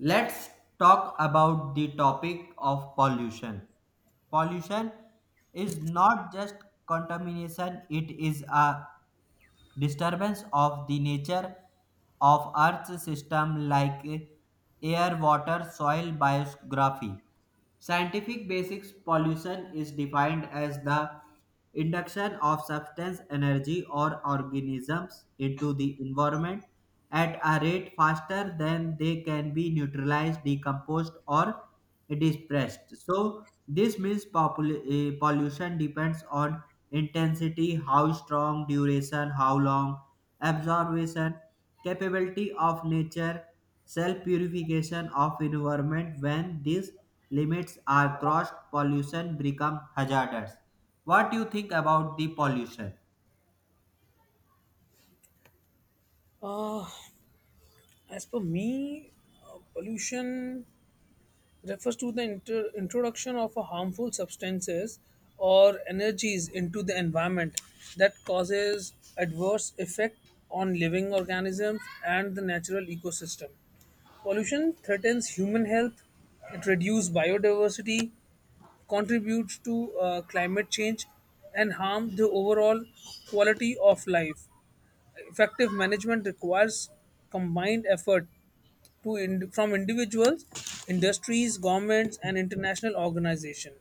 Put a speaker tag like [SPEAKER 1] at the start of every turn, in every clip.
[SPEAKER 1] Let's talk about the topic of pollution. Pollution is not just contamination, it is a disturbance of the nature of earth's system like air, water, soil, biography. Scientific basics: pollution is defined as the induction of substance, energy, or organisms into the environment at a rate faster than they can be neutralized, decomposed, or dispersed. So this means pollution depends on intensity, how strong, duration, how long, absorption, capability of nature, self purification of environment. When these limits are crossed, pollution becomes hazardous. What do you think about the pollution?
[SPEAKER 2] As for me, pollution refers to the introduction of a harmful substances or energies into the environment that causes adverse effect on living organisms and the natural ecosystem. Pollution threatens human health, it reduces biodiversity, contributes to climate change, and harm the overall quality of life. Effective management requires combined effort from individuals, industries, governments, and international organization.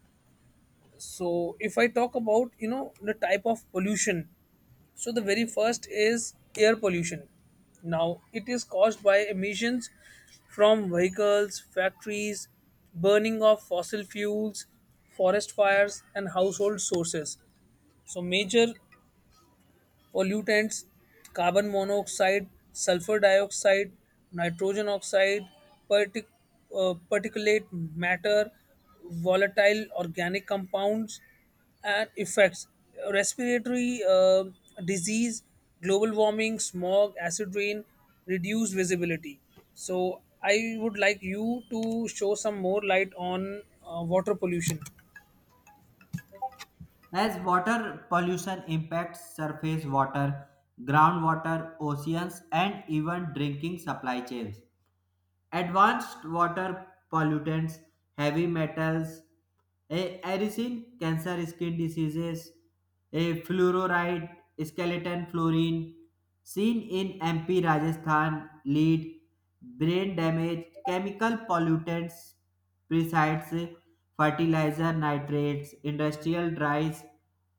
[SPEAKER 2] So, if I talk about the type of pollution, so the very first is air pollution. Now, it is caused by emissions from vehicles, factories, burning of fossil fuels, forest fires, and household sources. So major pollutants carbon monoxide, sulfur dioxide, nitrogen oxide, partic- particulate matter, volatile organic compounds, and effects respiratory disease, global warming, smog, acid rain, reduced visibility. So, I would like you to show some more light on water pollution.
[SPEAKER 1] As water pollution impacts surface water, groundwater, oceans, and even drinking supply chains. Advanced water pollutants, heavy metals, a arisen, cancer skin diseases, a fluoride, skeleton fluorine, seen in MP Rajasthan, lead, brain damage, chemical pollutants, pesticides, fertilizer nitrates, industrial dyes,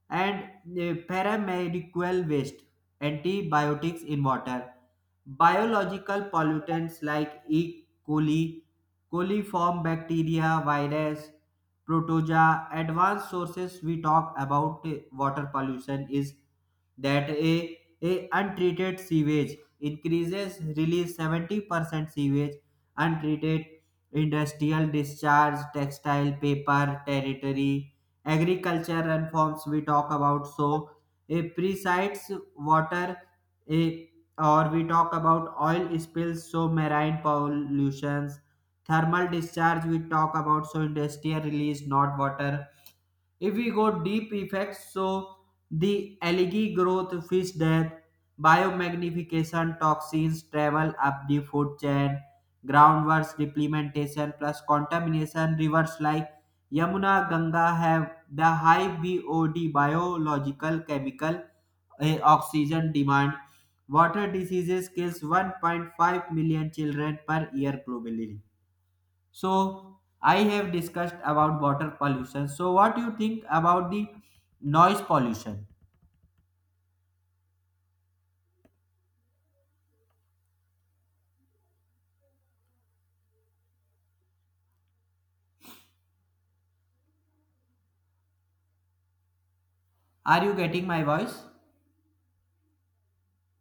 [SPEAKER 1] and paramedical waste, antibiotics in water. Biological pollutants like E. coli, coliform bacteria, virus, protozoa. Advanced sources we talk about water pollution is that a untreated sewage increases release 70% sewage untreated, industrial discharge, textile, paper, territory, agriculture, and forms we talk about. So a precise water, a, or we talk about oil spills, so marine pollutions, thermal discharge we talk about, so industrial release, not water. If we go deep effects, so the algae growth, fish death, biomagnification, toxins travel up the food chain, groundwater depletion plus contamination. Rivers like Yamuna, Ganga have the high BOD, biological chemical oxygen demand. Water diseases kills 1.5 million children per year globally. So I have discussed about water pollution. So what do you think about the noise pollution? Are you getting my voice?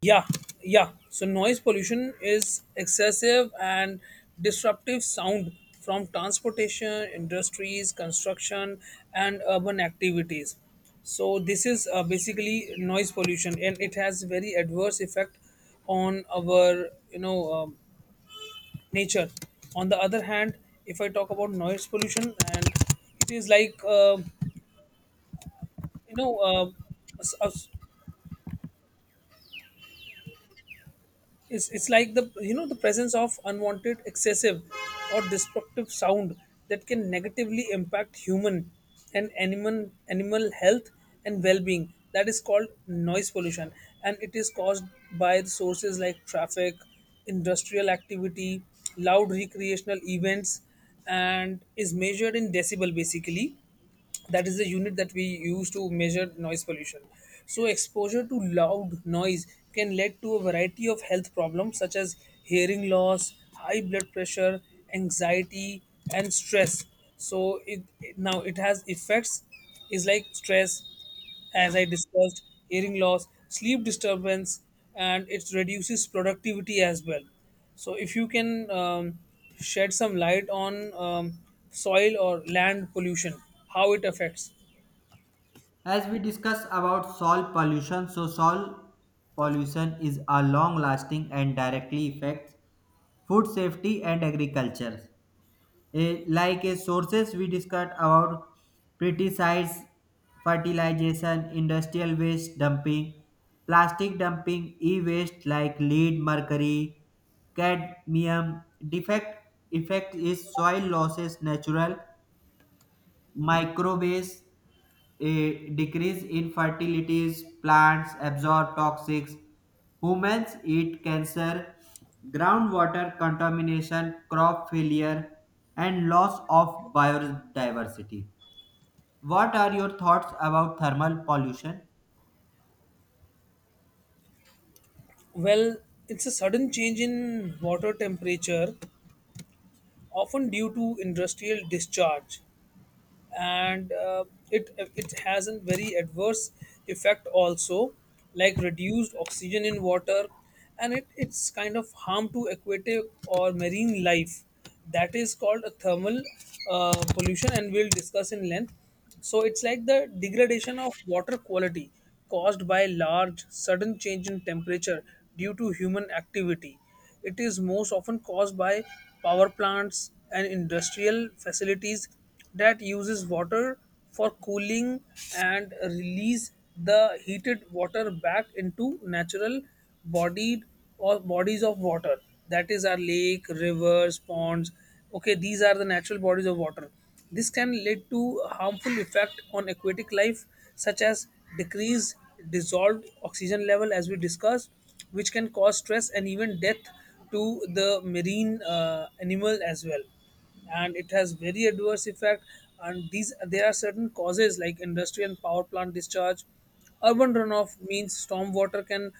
[SPEAKER 2] Yeah, yeah. So noise pollution is excessive and disruptive sound from transportation, industries, construction, and urban activities. So this is basically noise pollution, and it has very adverse effect on our nature. On the other hand, if I talk about noise pollution, and it is like you know uh, s- uh, it's like the the presence of unwanted, excessive, or destructive sound that can negatively impact human and animal health and well-being. That is called noise pollution, and it is caused by the sources like traffic, industrial activity, loud recreational events, and is measured in decibel, basically that is the unit that we use to measure noise pollution. So exposure to loud noise can lead to a variety of health problems such as hearing loss, high blood pressure, anxiety, and stress. So it now it has effects is like stress, as I discussed, hearing loss, sleep disturbance, and it reduces productivity as well. So, if you can shed some light on soil or land pollution, how it affects.
[SPEAKER 1] As we discuss about soil pollution, so soil pollution is a long lasting and directly affects food safety and agriculture. Like sources we discussed about: pesticides, fertilization, industrial waste dumping, plastic dumping, e-waste like lead, mercury, cadmium. Defect effect is soil losses natural microwaves, a decrease in fertilities, plants absorb toxics, humans eat cancer, groundwater contamination, crop failure, and loss of biodiversity. What are your thoughts about thermal pollution?
[SPEAKER 2] Well, it's a sudden change in water temperature, often due to industrial discharge. And it has a very adverse effect also, like reduced oxygen in water, and it's kind of harm to aquatic or marine life. That is called a thermal pollution, and we'll discuss in length. So it's like the degradation of water quality caused by large sudden change in temperature due to human activity. It is most often caused by power plants and industrial facilities that uses water for cooling and release the heated water back into natural bodied or bodies of water, that is our lake, rivers, ponds. Okay, these are the natural bodies of water. This can lead to harmful effect on aquatic life such as decreased dissolved oxygen level, as we discussed, which can cause stress and even death to the marine animal as well, and it has very adverse effect. And these there are certain causes like industrial and power plant discharge, urban runoff means storm water can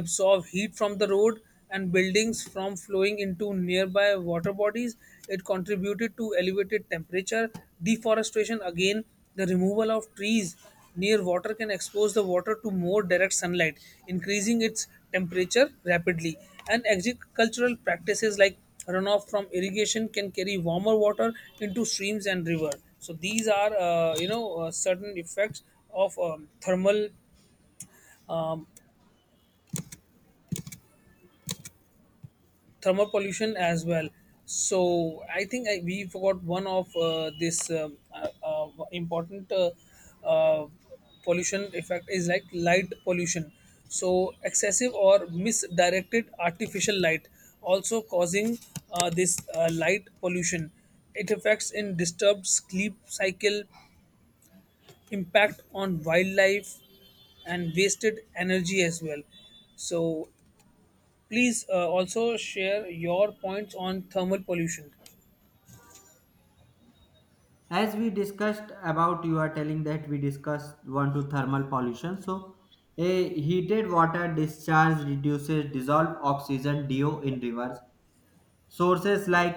[SPEAKER 2] absorb heat from the road and buildings from flowing into nearby water bodies. It contributed to elevated temperature. Deforestation, again the removal of trees near water can expose the water to more direct sunlight, increasing its temperature rapidly. And agricultural practices like runoff from irrigation can carry warmer water into streams and river. So these are, certain effects of thermal um, thermal pollution as well. So I think I, we forgot one of this important uh, pollution effect is like light pollution. So excessive or misdirected artificial light also causing this light pollution. It affects in disturbed sleep cycle, impact on wildlife, and wasted energy as well. So please also share your points on thermal pollution,
[SPEAKER 1] As we discussed, about you are telling that we discussed one to thermal pollution. So a heated water discharge reduces dissolved oxygen do in rivers. Sources like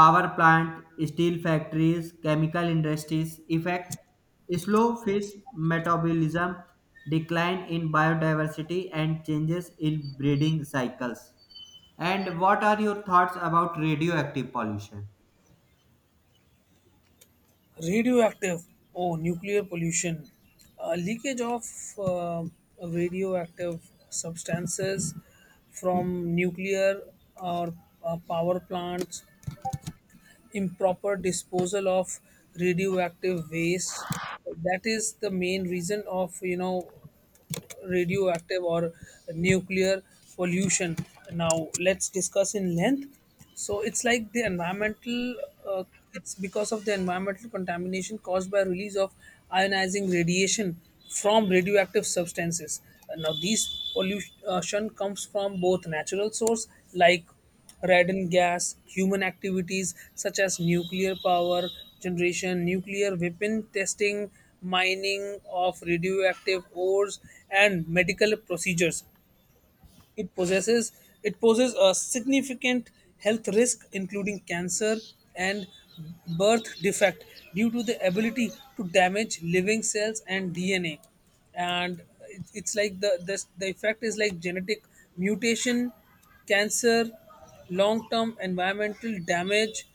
[SPEAKER 1] power plant, steel factories, chemical industries affect, slow fish metabolism, decline in biodiversity, and changes in breeding cycles. And what are your thoughts about radioactive pollution?
[SPEAKER 2] radioactive, oh, nuclear pollution, leakage of uh, radioactive substances from nuclear or power plants, improper disposal of radioactive waste. That is the main reason of radioactive or nuclear pollution. Now, let's discuss in length. So, it's like the environmental, uh, it's because of the environmental contamination caused by release of ionizing radiation from radioactive substances. Now, these pollution comes from both natural source like Radon gas, human activities such as nuclear power generation, nuclear weapon testing, mining of radioactive ores, and medical procedures. it possesses it poses a significant health risk including cancer and birth defect due to the ability to damage living cells and DNA. And it's like the effect is like genetic mutation, cancer, long term environmental damage.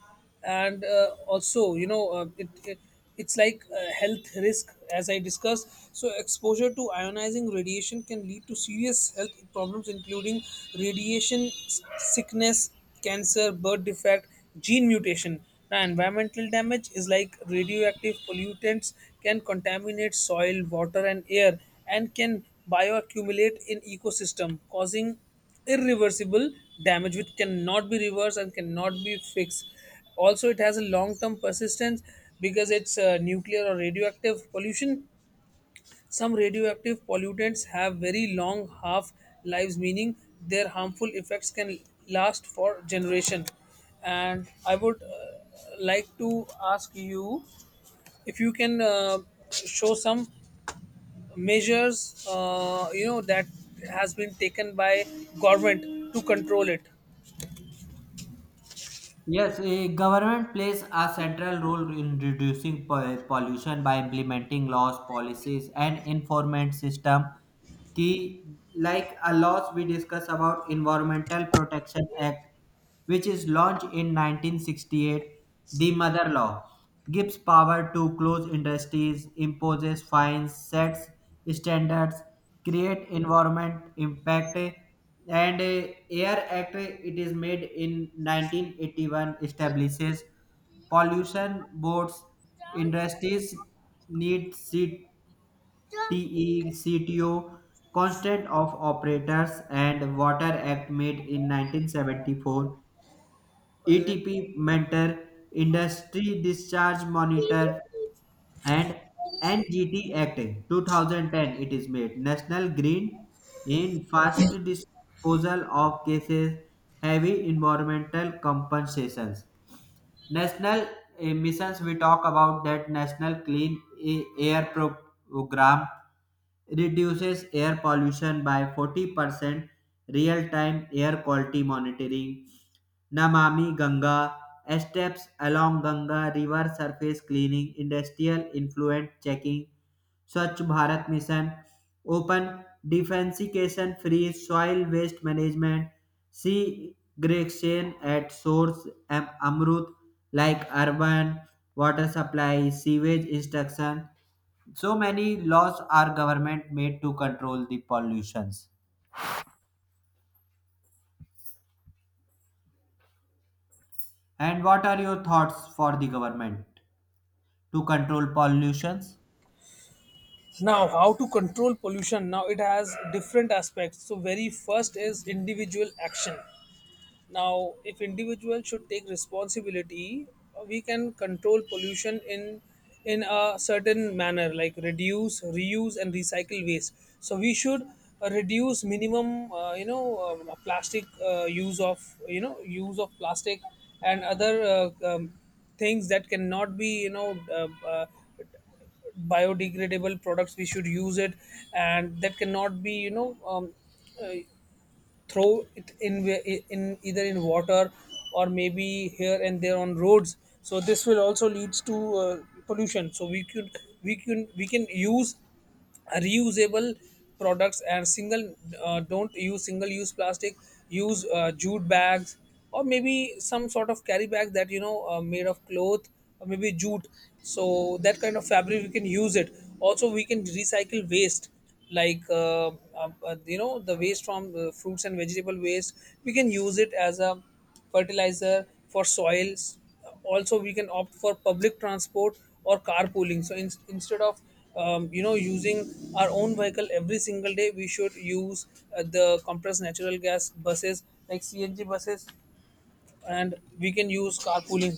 [SPEAKER 2] And also it's like health risk, as I discussed. So exposure to ionizing radiation can lead to serious health problems including radiation sickness, cancer, birth defect, gene mutation. Now environmental damage is like radioactive pollutants can contaminate soil, water, and air, and can bioaccumulate in ecosystem causing irreversible damage, which cannot be reversed and cannot be fixed. Also it has a long term persistence because it's nuclear or radioactive pollution. Some radioactive pollutants have very long half lives, meaning their harmful effects can last for generation. And I would like to ask you if you can show some measures that has been taken by government to control it.
[SPEAKER 1] Yes, a government plays a central role in reducing pollution by implementing laws, policies, and enforcement system. Key, like a laws we discuss about Environmental Protection Act, which is launched in 1968, the mother law, gives power to close industries, imposes fines, sets standards, create environment impact. And air act, it is made in 1981, establishes pollution boards. Industries need seat TECTO, Constant of Operators, and Water Act made in 1974, ETP Mentor, Industry Discharge Monitor, and NGT Act 2010 it is made. National Green in Fast Disposal of Cases, Heavy Environmental Compensations. National emissions we talk about, that National Program reduces air pollution by 40%, real time air quality monitoring, Namami Ganga, steps along Ganga river surface cleaning, industrial influent checking, Swachh Bharat Mission, open defensication free soil, waste management, segregation at source, Amrut like urban water supply, sewage instruction. So many laws are government made to control the pollutions. And what are your thoughts for the government to control pollutions?
[SPEAKER 2] Now how to control pollution, now it has different aspects. So very first is individual action. Now if individual should take responsibility, we can control pollution in a certain manner like reduce, reuse, and recycle waste. So we should reduce minimum plastic use of use of plastic and other things that cannot be biodegradable products we should use it, and that cannot be uh, throw it in either in water or maybe here and there on roads. So this will also leads to uh, pollution. So we can use reusable products, and single don't use single use plastic, use jute bags or maybe some sort of carry bags that made of cloth or maybe jute. So that kind of fabric we can use it. Also we can recycle waste like the waste from fruits and vegetable waste, we can use it as a fertilizer for soils. Also we can opt for public transport or carpooling. So instead of using our own vehicle every single day, we should use the compressed natural gas buses like CNG buses, and we can use carpooling,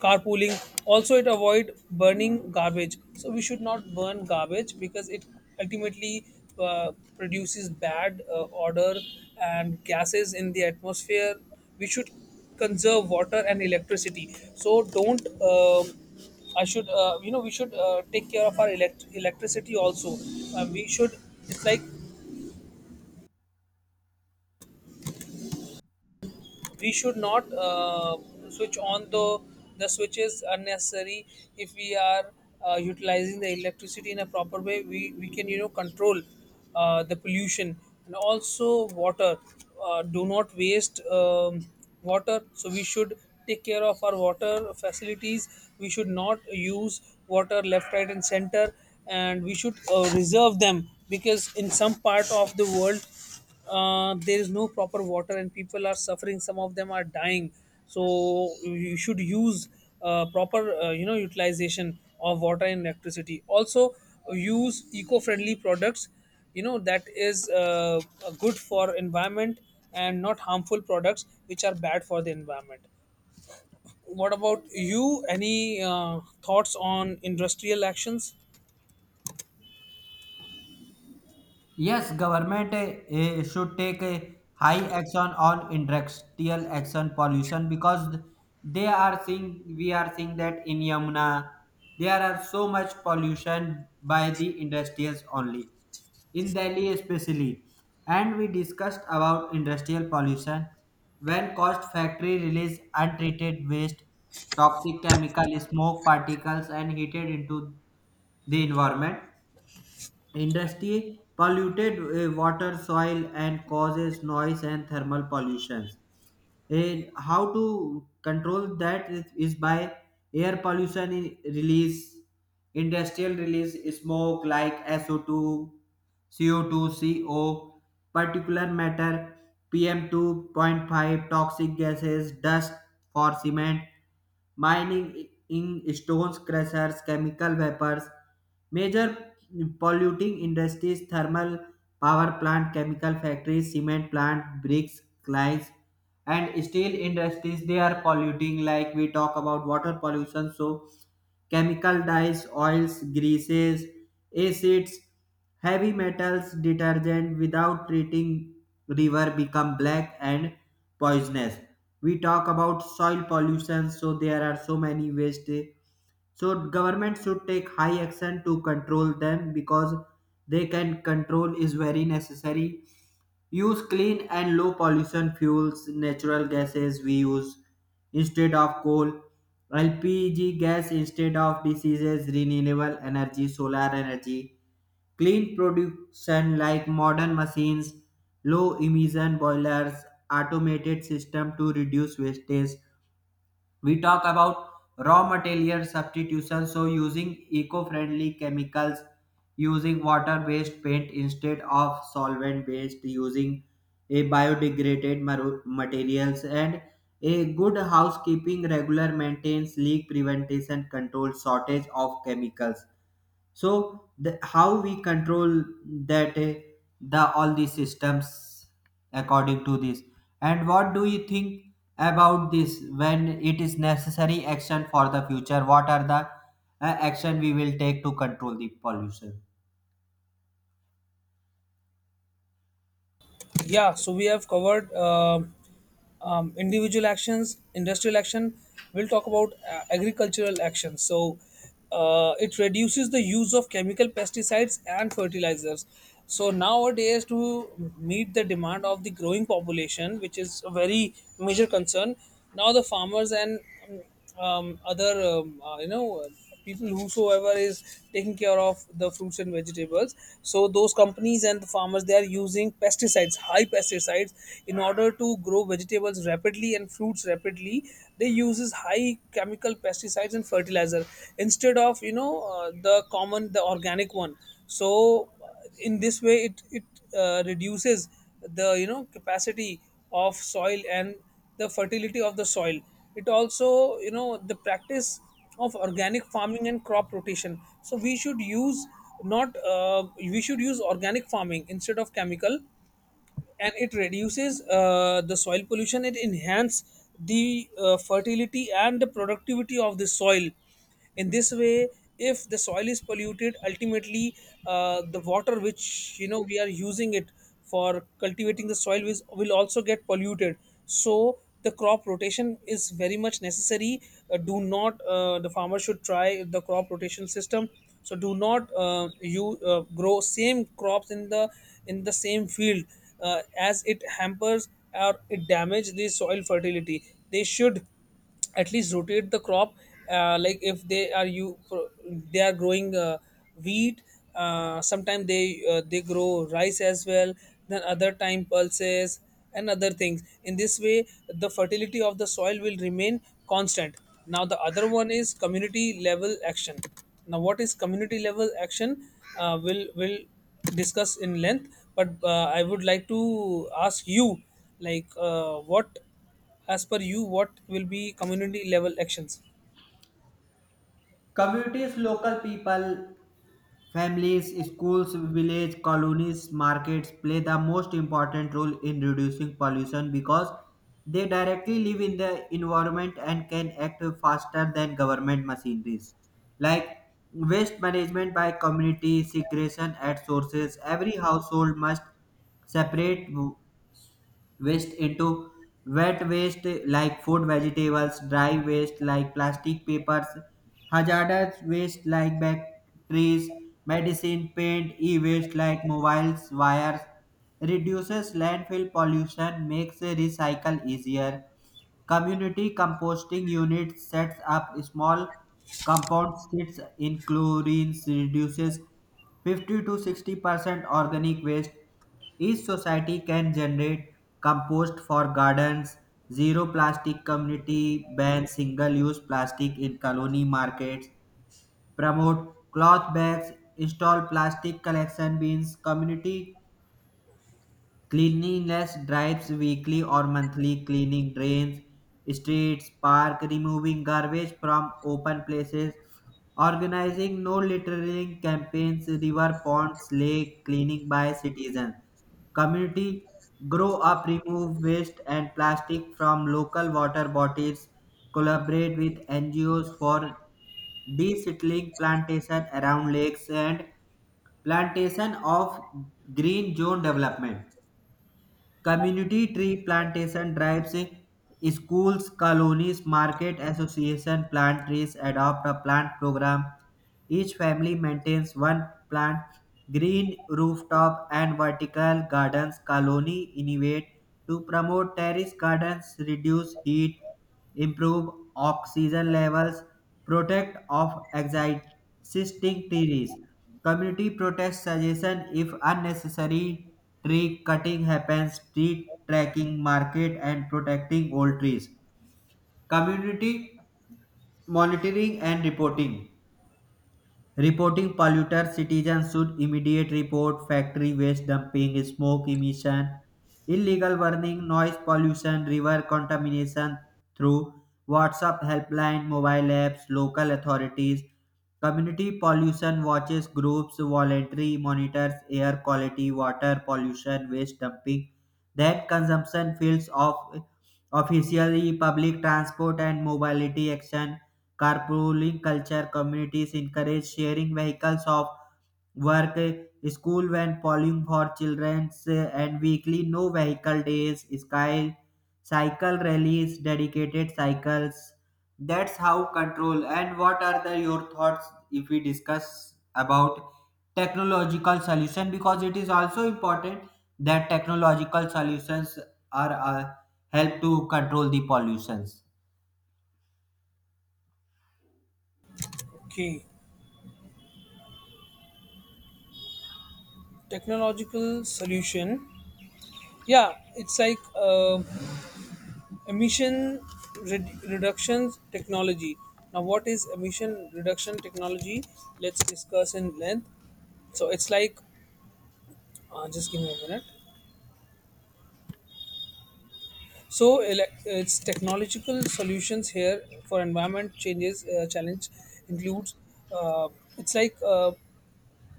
[SPEAKER 2] carpooling. Also it avoid burning garbage, so we should not burn garbage because it ultimately uh, produces bad odor and gases in the atmosphere. We should conserve water and electricity. So don't I should we should take care of our electricity also. We should, it's like we should not switch on the switches unnecessary. If we are utilizing the electricity in a proper way, we can control the pollution. And also water, do not waste water. So we should take care of our water facilities. We should not use water left, right, and center, and we should reserve them because in some part of the world, there is no proper water and people are suffering, some of them are dying. So you should use proper utilization of water and electricity. Also use eco-friendly products, that is good for environment, and not harmful products which are bad for the environment. What about you, any thoughts on industrial actions?
[SPEAKER 1] Yes, government should take a high action on industrial action pollution because they are seeing we are seeing that in Yamuna there are so much pollution by the industries only, in Delhi especially. And we discussed about industrial pollution when caused factory release untreated waste, toxic chemical, smoke particles, and heated into the environment. Industry polluted water, soil, and causes noise and thermal pollutions. And how to control that is by air pollution release, industrial release, smoke like SO2, CO2, CO, particulate matter, PM2.5, toxic gases, dust for cement, mining in stones, crushers, chemical vapors. Major polluting industries: thermal power plant, chemical factories, cement plant, bricks, clients, and steel industries, they are polluting. Like we talk about water pollution, so chemical dyes, oils, greases, acids, heavy metals, detergent without treating, river become black and poisonous. We talk about soil pollution, so there are so many waste. So government should take high action to control them because they can control is very necessary. Use clean and low pollution fuels, natural gases we use instead of coal, LPG gas instead of diseases, renewable energy, solar energy, clean production like modern machines, low emission boilers, automated system to reduce wastage. We talk about raw material substitution, so using eco friendly chemicals, using water based paint instead of solvent based, using a biodegraded materials, and a good housekeeping, regular maintains, leak prevention, control shortage of chemicals. So the how we control that, the all these systems according to this. And what do you think about this when it is necessary action for the future? What are the action we will take to control the pollution?
[SPEAKER 2] Yeah, so we have covered individual actions, industrial action. We'll talk about agricultural actions. So it reduces the use of chemical pesticides and fertilizers. So nowadays, to meet the demand of the growing population, which is a very major concern, now the farmers and um, other you know people whosoever is taking care of the fruits and vegetables, so those companies and the farmers, they are using pesticides, high pesticides in order to grow vegetables rapidly and fruits rapidly. They uses high chemical pesticides and fertilizer instead of the common, the organic one. So in this way it reduces the, you know, capacity of soil and the fertility of the soil. It also, you know, the practice of organic farming and crop rotation. So we should use, not we should use organic farming instead of chemical, and it reduces the soil pollution. It enhances the fertility and the productivity of the soil. In this way, if the soil is polluted, ultimately the water which, you know, we are using it for cultivating the soil is, will also get polluted. So the crop rotation is very much necessary. Do not The farmer should try the crop rotation system. So do not, you grow same crops in the same field, as it hampers or it damage the soil fertility. They should at least rotate the crop. Like if they are growing wheat, sometimes they grow rice as well, then other time pulses and other things. In this way, the fertility of the soil will remain constant. Now the other one is community level action. Now what is community level action? Will discuss in length, but I would like to ask you, like, what, as per you, what will be community level actions?
[SPEAKER 1] Communities, local people, families, schools, village colonies, markets play the most important role in reducing pollution because they directly live in the environment and can act faster than government machineries. Like waste management by community, segregation at sources, every household must separate waste into wet waste like food, vegetables, dry waste like plastic, papers, hazardous waste like batteries, medicine, paint, e-waste like mobiles, wires, reduces landfill pollution, makes recycle easier. Community composting unit sets up small compound sits in chlorine, reduces 50 to 60% organic waste. Each society can generate compost for gardens. Zero plastic community, ban single use plastic in colony markets, promote cloth bags, install plastic collection bins. Community cleanliness drives, weekly or monthly cleaning drains, streets, park, removing garbage from open places, organizing no littering campaigns, river ponds, lake cleaning by citizens. Community grow up, remove waste and plastic from local water bodies, collaborate with NGOs for de-settling plantation around lakes and plantation of green zone development. Community tree plantation drives, schools, colonies, market association plant trees, adopt a plant program. Each family maintains one plant, green rooftop and vertical gardens. Colony innovate to promote terrace gardens, reduce heat, improve oxygen levels, protect of existing trees. Community protest suggestion if unnecessary tree cutting happens, tree tracking market and protecting old trees. Community monitoring and reporting. Reporting polluters, citizens should immediate report factory waste dumping, smoke emission, illegal burning, noise pollution, river contamination through WhatsApp helpline, mobile apps, local authorities. Community pollution watches groups, voluntary monitors air quality, water pollution, waste dumping, that consumption fields of officially. Public transport and mobility action: carpooling culture, communities encourage sharing vehicles of work, school and polling for children's, and weekly no vehicle days, sky cycle rallies, dedicated cycles. That's how control. And what are the your thoughts if we discuss about technological solution? Because it is also important that technological solutions are help to control the pollutions.
[SPEAKER 2] Okay, technological solution. Yeah, it's like emission reduction technology. Now, what is emission reduction technology? Let's discuss in length. So, it's like, just give me a minute. So, it's technological solutions here for environment changes challenge includes. Uh, it's like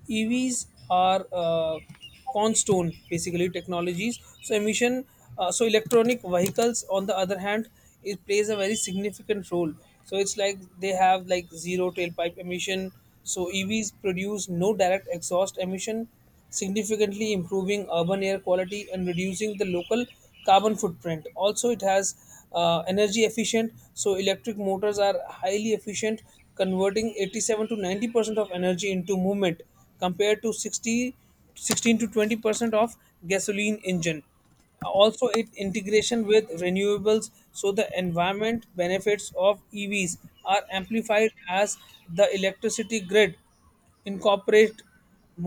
[SPEAKER 2] EVs are cornerstone basically technologies. So emission, so electronic vehicles on the other hand, it plays a very significant role. So it's like they have like zero tailpipe emission. So EVs produce no direct exhaust emission, significantly improving urban air quality and reducing the local carbon footprint. Also, it has energy efficient, so electric motors are highly efficient, converting 87 to 90 percent of energy into movement compared to 60, 16 to 20 percent of gasoline engine. Also, it integration with renewables, so the environment benefits of EVs are amplified as the electricity grid incorporate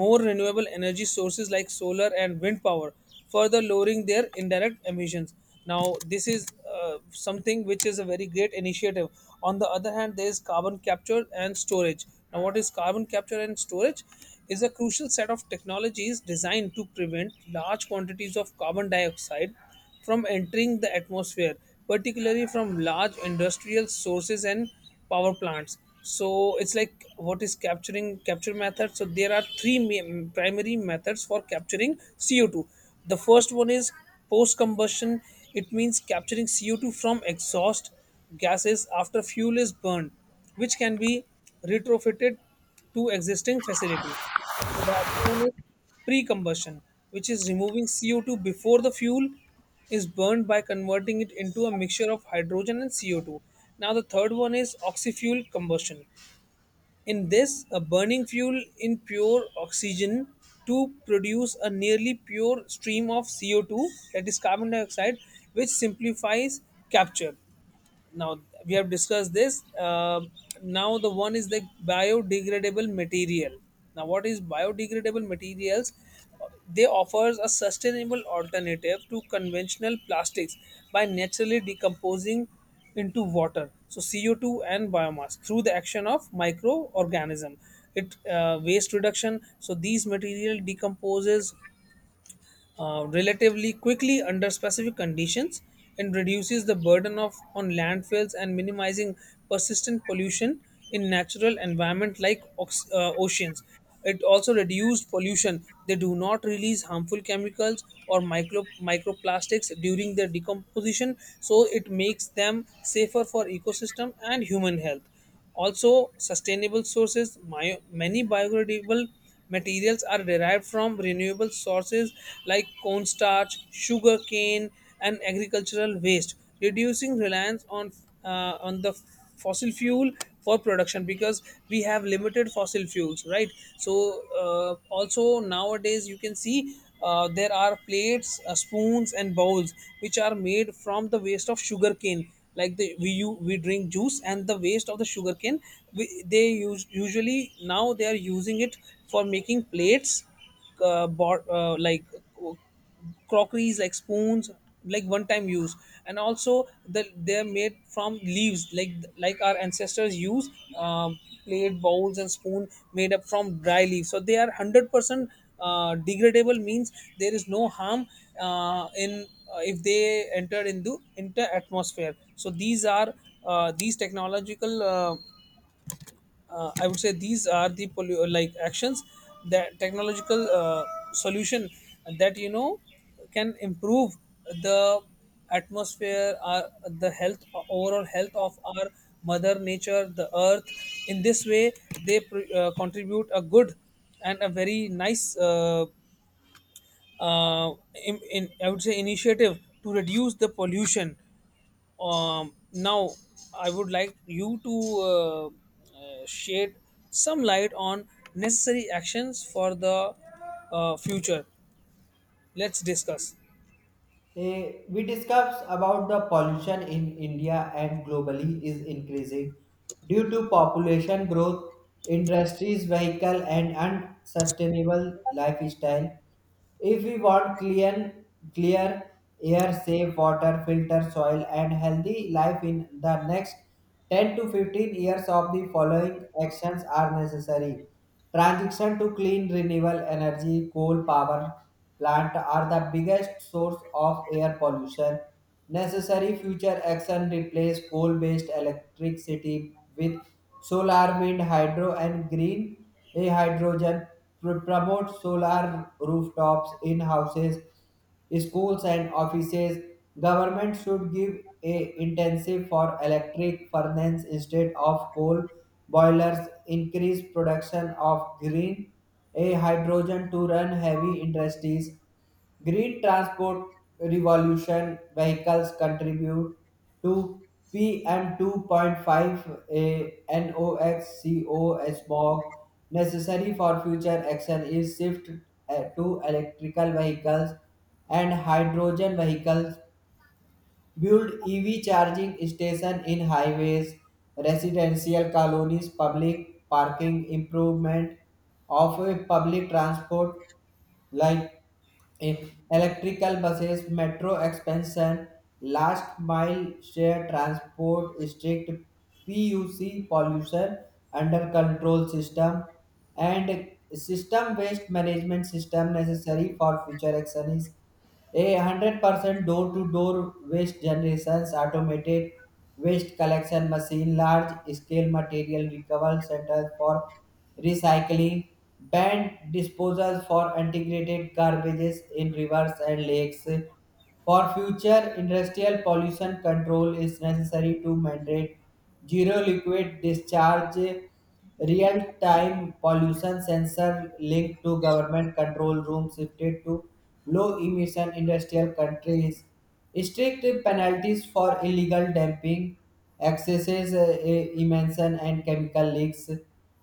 [SPEAKER 2] more renewable energy sources like solar and wind power, further lowering their indirect emissions. Now, this is something which is a very great initiative. On the other hand, there is carbon capture and storage. Now, what is carbon capture and storage? Is a crucial set of technologies designed to prevent large quantities of carbon dioxide from entering the atmosphere, particularly from large industrial sources and power plants. So it's like, what is capturing capture method? So there are primary methods for capturing CO2. The first one is post combustion. It means capturing CO2 from exhaust gases after fuel is burned, which can be retrofitted to existing facilities. The other one is pre combustion, which is removing CO2 before the fuel is burned by converting it into a mixture of hydrogen and CO2. Now, the third one is oxyfuel combustion. In this, a burning fuel in pure oxygen to produce a nearly pure stream of CO2, that is carbon dioxide, which simplifies capture. Now we have discussed this. Now the one is the biodegradable material. Now what is biodegradable materials? They offers a sustainable alternative to conventional plastics by naturally decomposing into water, so CO2 and biomass through the action of microorganism. It Waste reduction, so these material decomposes relatively quickly under specific conditions and reduces the burden of on landfills and minimizing persistent pollution in natural environment like oceans. It also reduced pollution. They do not release harmful chemicals or microplastics during their decomposition, so it makes them safer for ecosystem and human health. Also, sustainable sources, many biodegradable materials are derived from renewable sources like cornstarch, sugar cane, and agricultural waste, reducing reliance on, on the fossil fuel for production, because we have limited fossil fuels, right? So, also nowadays you can see there are plates, spoons, and bowls which are made from the waste of sugarcane. Like the we you we drink juice and the waste of the sugarcane, they use usually, now they are using it for making plates, bought, like uh, crockeries like spoons, like one time use. And also they're made from leaves, like our ancestors use plate bowls and spoon made up from dry leaves. So they are 100% degradable, means there is no harm in if they enter into atmosphere. So these are these technological, I would say these are the like actions, that technological solution that, you know, can improve the atmosphere, the health, overall health of our mother nature, the earth. In this way, they contribute a good and a very nice uh, in, I would say, initiative to reduce the pollution. Now, I would like you to shed some light on necessary actions for the future. Let's discuss.
[SPEAKER 1] We discussed about the pollution in India and globally is increasing due to population growth, industries, vehicle, and unsustainable lifestyle. If we want clean, clear air, safe water, filter soil, and healthy life in the next 10 to 15 years, of the following actions are necessary. Transition to clean renewable energy: coal power plant are the biggest source of air pollution. Necessary future action: replace coal-based electricity with solar, wind, hydro, and green hydrogen. Promote solar rooftops in houses, schools, and offices. Government should give a intensive for electric furnace instead of coal boilers, increase production of green a hydrogen to run heavy industries. Green transport revolution: vehicles contribute to PM2.5, a NOx, CO, smog. Necessary for future action is shift to electrical vehicles and hydrogen vehicles. Build EV charging station in highways, residential colonies, public parking, improvement of public transport like uh, electrical buses, metro expansion, last mile share transport, strict PUC pollution under control system. And system waste management system, necessary for future action is a 100% door to door waste generations, automated waste collection machine, large scale material recovery centers for recycling, banned disposals for integrated garbages in rivers and lakes. For future industrial pollution control, is necessary to mandate zero liquid discharge, real-time pollution sensor linked to government control rooms, shifted to low-emission industrial countries, strict penalties for illegal dumping, excesses, emission and chemical leaks.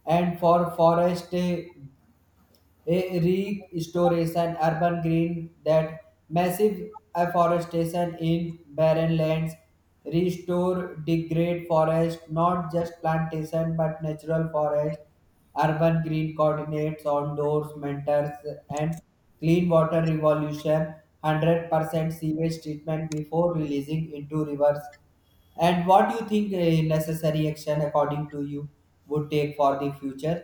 [SPEAKER 1] And for forest a restoration urban green, that massive afforestation in barren lands, restore degrade forest, not just plantation but natural forest, urban green coordinates on doors mentors. And clean water revolution, 100% sewage treatment before releasing into rivers. And what do you think a necessary action according to you would take for the future?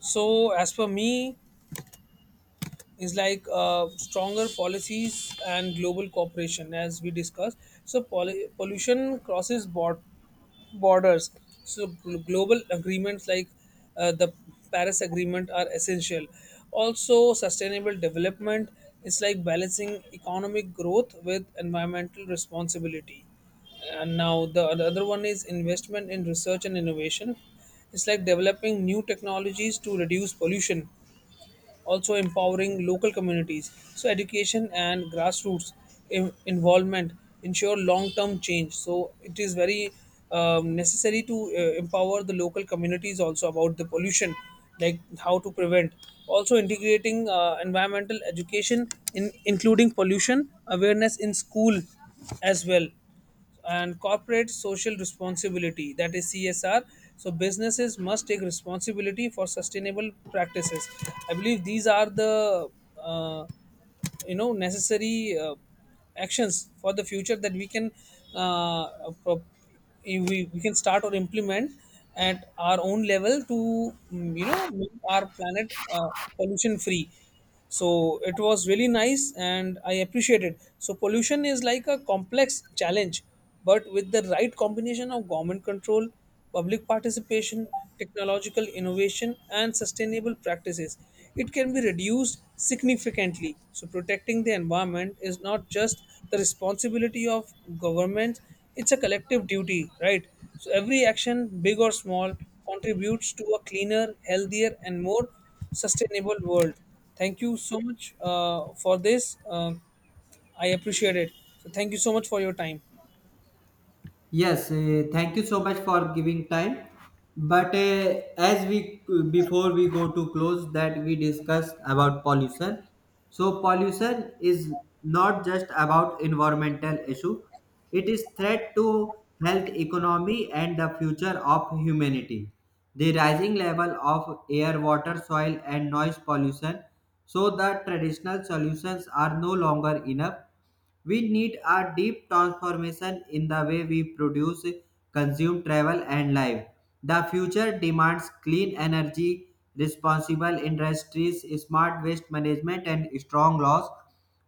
[SPEAKER 2] So, as per me, is like stronger policies and global cooperation, as we discussed. So, pollution crosses borders. So, global agreements like the Paris Agreement are essential. Also, sustainable development is like balancing economic growth with environmental responsibility. And now the other one is investment in research and innovation. It's like developing new technologies to reduce pollution, also empowering local communities. So, education and grassroots involvement ensure long term change. So, it is very necessary to empower the local communities also about the pollution, like how to prevent. Also, integrating environmental education, in, including pollution awareness in school as well, and corporate social responsibility, that is CSR. So businesses must take responsibility for sustainable practices. I believe these are the uh, necessary actions for the future that we can uh, pro- we can start or implement at our own level to, you know, make our planet pollution free. So it was really nice and I appreciate it. So pollution is like a complex challenge, but with the right combination of government control, public participation, technological innovation and sustainable practices, it can be reduced significantly. So protecting the environment is not just the responsibility of governments, it's a collective duty, right? So every action, big or small, contributes to a cleaner, healthier and more sustainable world. Thank you so much for this. I appreciate it. So, thank you so much for your time.
[SPEAKER 1] Yes, thank you so much for giving time. But as we, before we go to close that we discussed about pollution. So pollution is not just about environmental issue. It is threat to health, economy, and the future of humanity. The rising level of air, water, soil, and noise pollution. So the traditional solutions are no longer enough. We need a deep transformation in the way we produce, consume, travel, and live. The future demands clean energy, responsible industries, smart waste management, and strong laws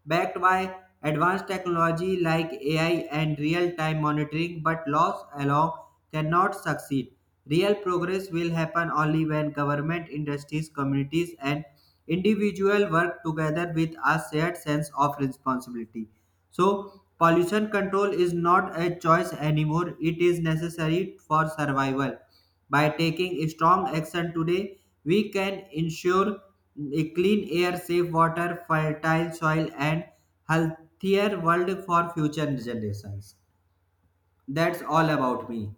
[SPEAKER 1] backed by advanced technology like AI and real time monitoring. But laws alone cannot succeed. Real progress will happen only when government, industries, communities, and individuals work together with a shared sense of responsibility. So, pollution control is not a choice anymore, it is necessary for survival. By taking strong action today, we can ensure a clean air, safe water, fertile soil, and healthier world for future generations. That's all about me.